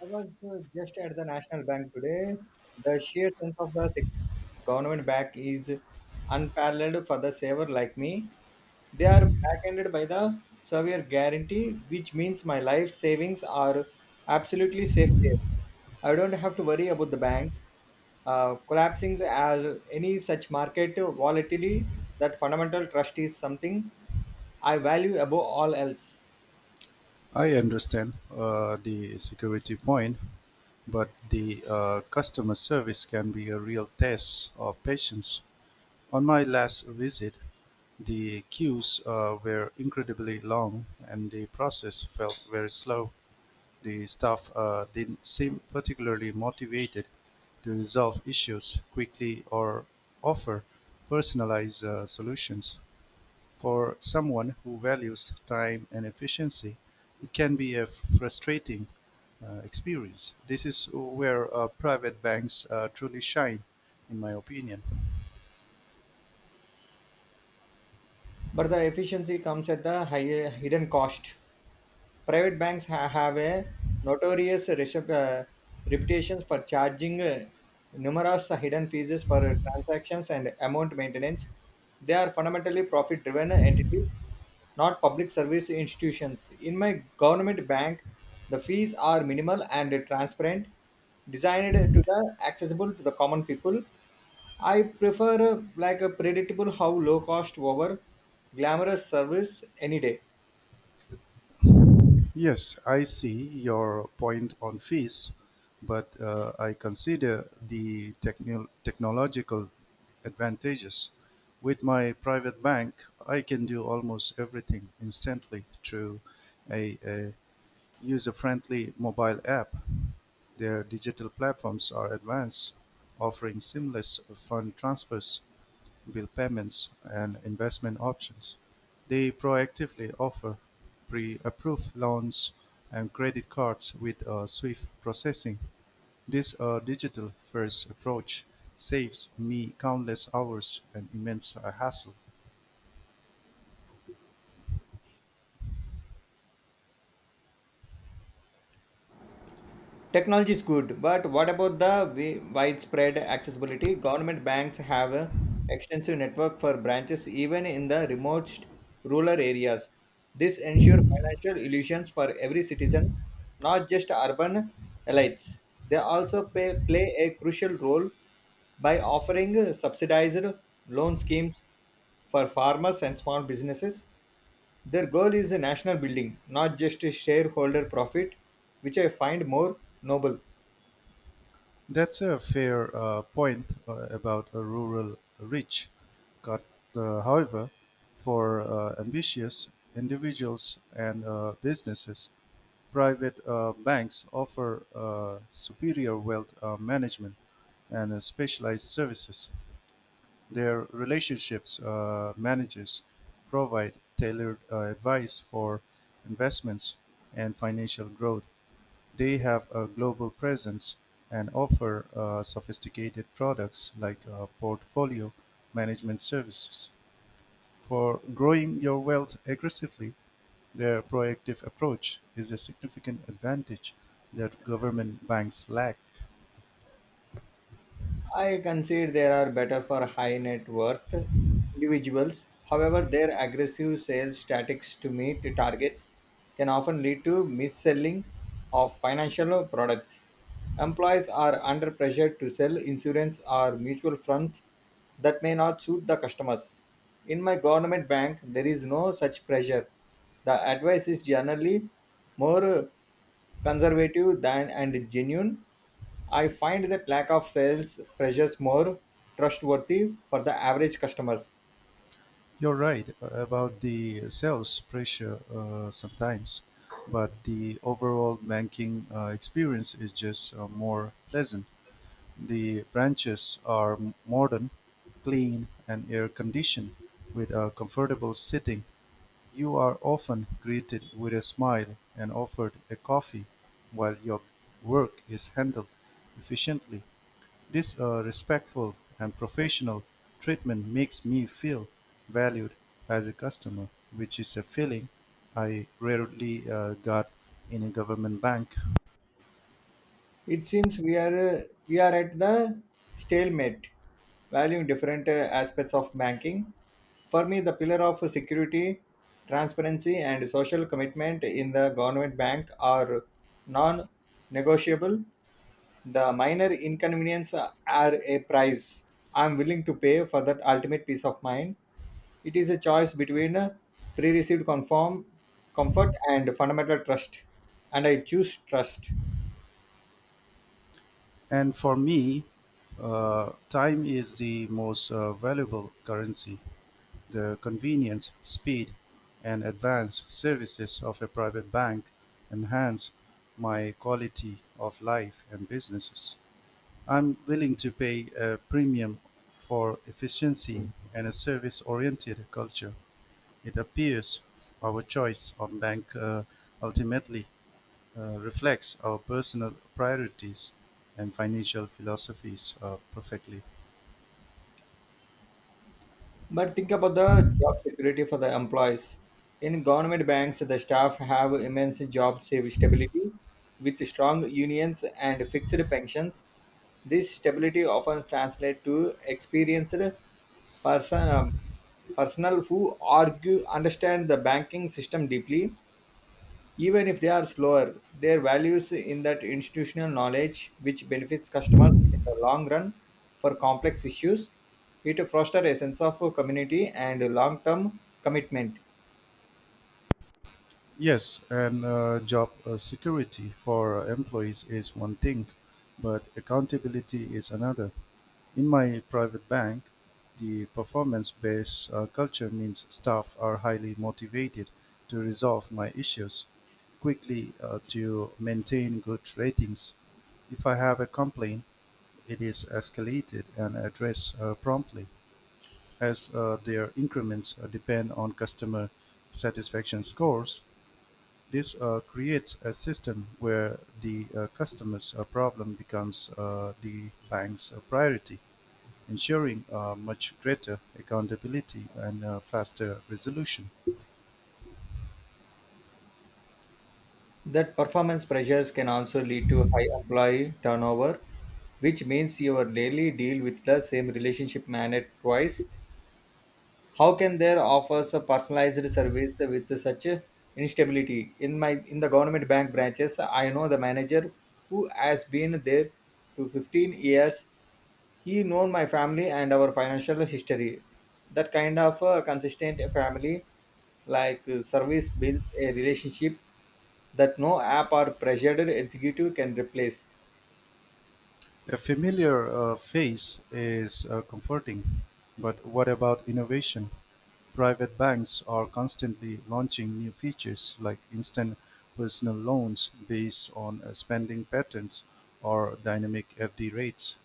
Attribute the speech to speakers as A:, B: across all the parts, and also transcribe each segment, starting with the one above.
A: I was just at the National Bank today. The sheer sense of the government back is unparalleled for the saver like me. They are back-ended by the Savior guarantee, which means my life savings are absolutely safe there. I don't have to worry about the bank collapsing as any such market volatility. That fundamental trust is something I value above all else.
B: I understand the security point, but the customer service can be a real test of patience. On my last visit, the queues were incredibly long and the process felt very slow. The staff didn't seem particularly motivated to resolve issues quickly or offer personalized solutions. For someone who values time and efficiency, it can be a frustrating experience. This is where private banks truly shine, in my opinion.
A: But the efficiency comes at the higher hidden cost. Private banks have a notorious reputations for charging numerous hidden fees for transactions and amount maintenance. They are fundamentally profit-driven entities, not public service institutions. In my government bank, the fees are minimal and transparent, designed to the accessible to the common people. I prefer like a predictable how low cost over glamorous service any day.
B: Yes, I see your point on fees, but I consider the technological advantages. With my private bank, I can do almost everything instantly through a user-friendly mobile app. Their digital platforms are advanced, offering seamless fund transfers, bill payments, and investment options. They proactively offer pre-approved loans and credit cards with swift processing. This digital-first approach saves me countless hours and immense hassle.
A: Technology is good, but what about the widespread accessibility? Government banks have a extensive network for branches even in the remote rural areas. This ensures financial illusions for every citizen, not just urban elites. They also play a crucial role by offering subsidized loan schemes for farmers and small businesses. Their goal is a national building, not just a shareholder profit, which I find more noble.
B: That's a fair point about a rural reach. Got, However, for ambitious individuals and businesses, private banks offer superior wealth management and specialized services. Their relationships managers provide tailored advice for investments and financial growth. They have a global presence and offer sophisticated products like portfolio management services. For growing your wealth aggressively, their proactive approach is a significant advantage that government banks lack.
A: I concede there are better for high net worth individuals. However, their aggressive sales tactics to meet targets can often lead to mis-selling of financial products. Employees are under pressure to sell insurance or mutual funds that may not suit the customers. In my government bank, there is no such pressure. The advice is generally more conservative than and genuine. I find that lack of sales pressures more trustworthy for the average customers.
B: You're right about the sales pressure sometimes, but the overall banking experience is just more pleasant. The branches are modern, clean and air-conditioned with a comfortable sitting. You are often greeted with a smile and offered a coffee while your work is handled efficiently. This respectful and professional treatment makes me feel valued as a customer, which is a feeling I rarely got in a government bank.
A: It seems we are at the stalemate, valuing different aspects of banking. For me, the pillar of security, transparency, and social commitment in the government bank are non-negotiable. The minor inconvenience are a price I'm willing to pay for that ultimate peace of mind. It is a choice between pre received comfort and fundamental trust, and I choose trust.
B: And for me, time is the most valuable currency. The convenience, speed, and advanced services of a private bank enhance my quality of life and businesses. I'm willing to pay a premium for efficiency and a service oriented culture. It appears our choice of bank ultimately reflects our personal priorities and financial philosophies perfectly.
A: But think about the job security for the employees. In government banks, the staff have immense job stability with strong unions and fixed pensions. This stability often translates to experienced person, um, personnel who argue understand the banking system deeply. Even if they are slower, their values in that institutional knowledge, which benefits customers in the long run for complex issues, it fosters a sense of community and long-term commitment.
B: Yes, and job security for employees is one thing, but accountability is another. In my private bank, the performance based culture means staff are highly motivated to resolve my issues quickly to maintain good ratings. If I have a complaint, it is escalated and addressed promptly. As their increments depend on customer satisfaction scores, this creates a system where the customer's problem becomes the bank's priority, ensuring much greater accountability and faster resolution.
A: That performance pressures can also lead to high employee turnover, which means you will daily deal with the same relationship manager twice. How can there offers a personalized service with such a instability? In the government bank branches, I know the manager who has been there to 15 years. He known my family and our financial history. That kind of consistent family like service builds a relationship that no app or pressured executive can replace.
B: A familiar face is comforting, but what about innovation? Private banks are constantly launching new features like instant personal loans based on spending patterns or dynamic FD rates.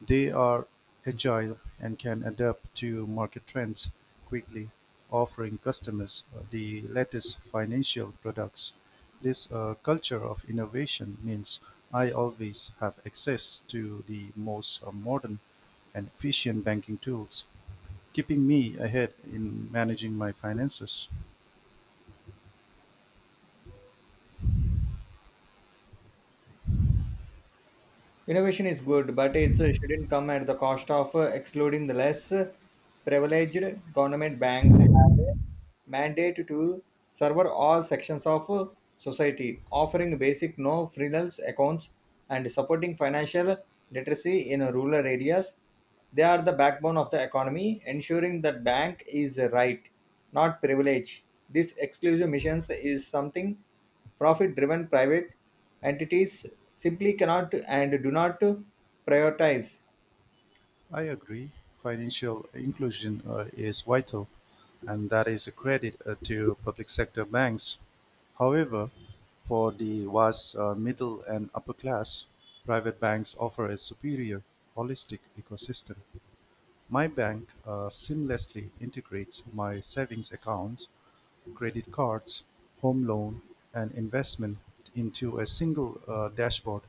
B: They are agile and can adapt to market trends quickly, offering customers the latest financial products. This culture of innovation means I always have access to the most modern and efficient banking tools, keeping me ahead in managing my finances.
A: Innovation is good, but it shouldn't come at the cost of excluding the less privileged. Government banks have mandate to serve all sections of society, offering basic no frills accounts and supporting financial literacy in rural areas. They are the backbone of the economy, ensuring that bank is a right, not privilege. This exclusive missions is something profit-driven private entities simply cannot and do not prioritize.
B: I agree. Financial inclusion is vital, and that is a credit to public sector banks. However, for the vast middle and upper class, private banks offer a superior, holistic ecosystem. My bank seamlessly integrates my savings accounts, credit cards, home loan, and investment into a single dashboard.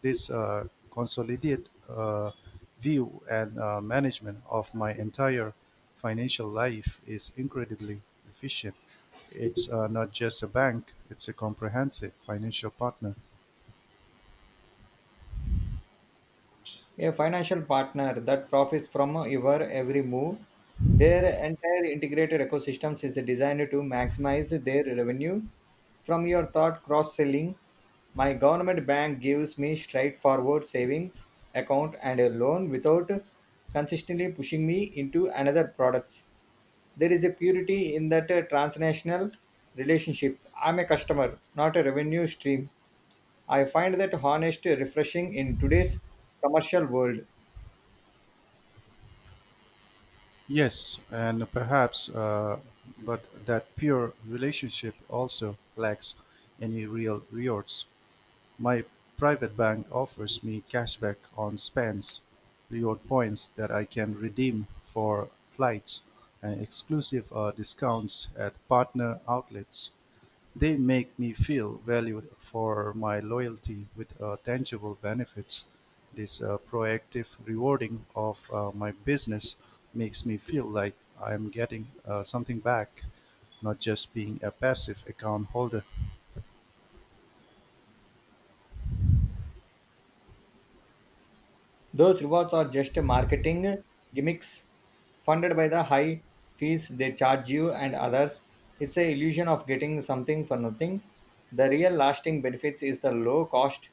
B: This consolidated uh, view and management of my entire financial life is incredibly efficient. It's not just a bank, it's a comprehensive financial partner.
A: A financial partner that profits from your every move. Their entire integrated ecosystems is designed to maximize their revenue from your thought cross selling. My government bank gives me straightforward savings account and a loan without consistently pushing me into another products. There is a purity in that transnational relationship. I'm a customer, not a revenue stream. I find that honest refreshing in today's commercial world.
B: Yes, and perhaps, but that pure relationship also lacks any real rewards. My private bank offers me cashback on spends, reward points that I can redeem for flights, and exclusive discounts at partner outlets. They make me feel valued for my loyalty with tangible benefits. This proactive rewarding of my business makes me feel like I'm getting something back, not just being a passive account holder.
A: Those rewards are just marketing gimmicks funded by the high fees they charge you and others. It's a illusion of getting something for nothing. The real lasting benefits is the low cost,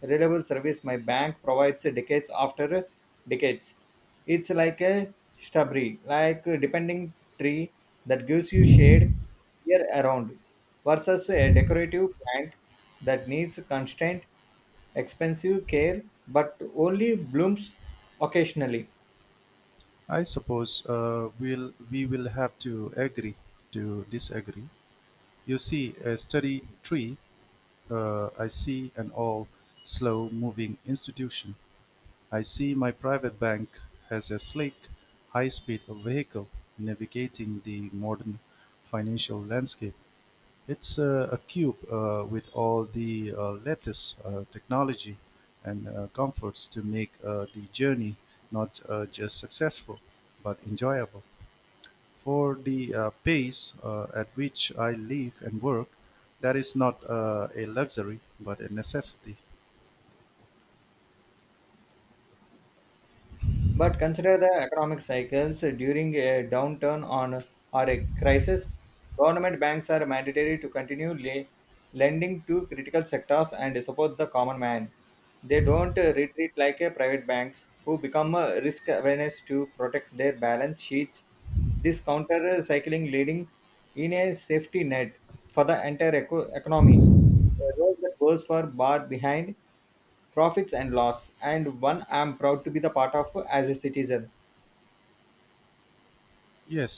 A: reliable service my bank provides decades after decades. It's like a shrubbery, like a depending tree that gives you shade year around versus a decorative plant that needs constant expensive care but only blooms occasionally.
B: I suppose we will have to agree to disagree. You see, a steady tree, I see an all slow moving institution. I see my private bank has a slick, high speed vehicle navigating the modern financial landscape. It's a cube with all the latest technology and comforts to make the journey not just successful but enjoyable. For the pace at which I live and work, that is not a luxury, but a necessity.
A: But consider the economic cycles during a downturn on, or a crisis. Government banks are mandatory to continue lending to critical sectors and support the common man. They don't retreat like a private banks who become risk awareness to protect their balance sheets. This counter cycling leading in a safety net for the entire economy. A role that goes for bar behind profits and loss, and one I'm proud to be the part of as a citizen.
B: Yes,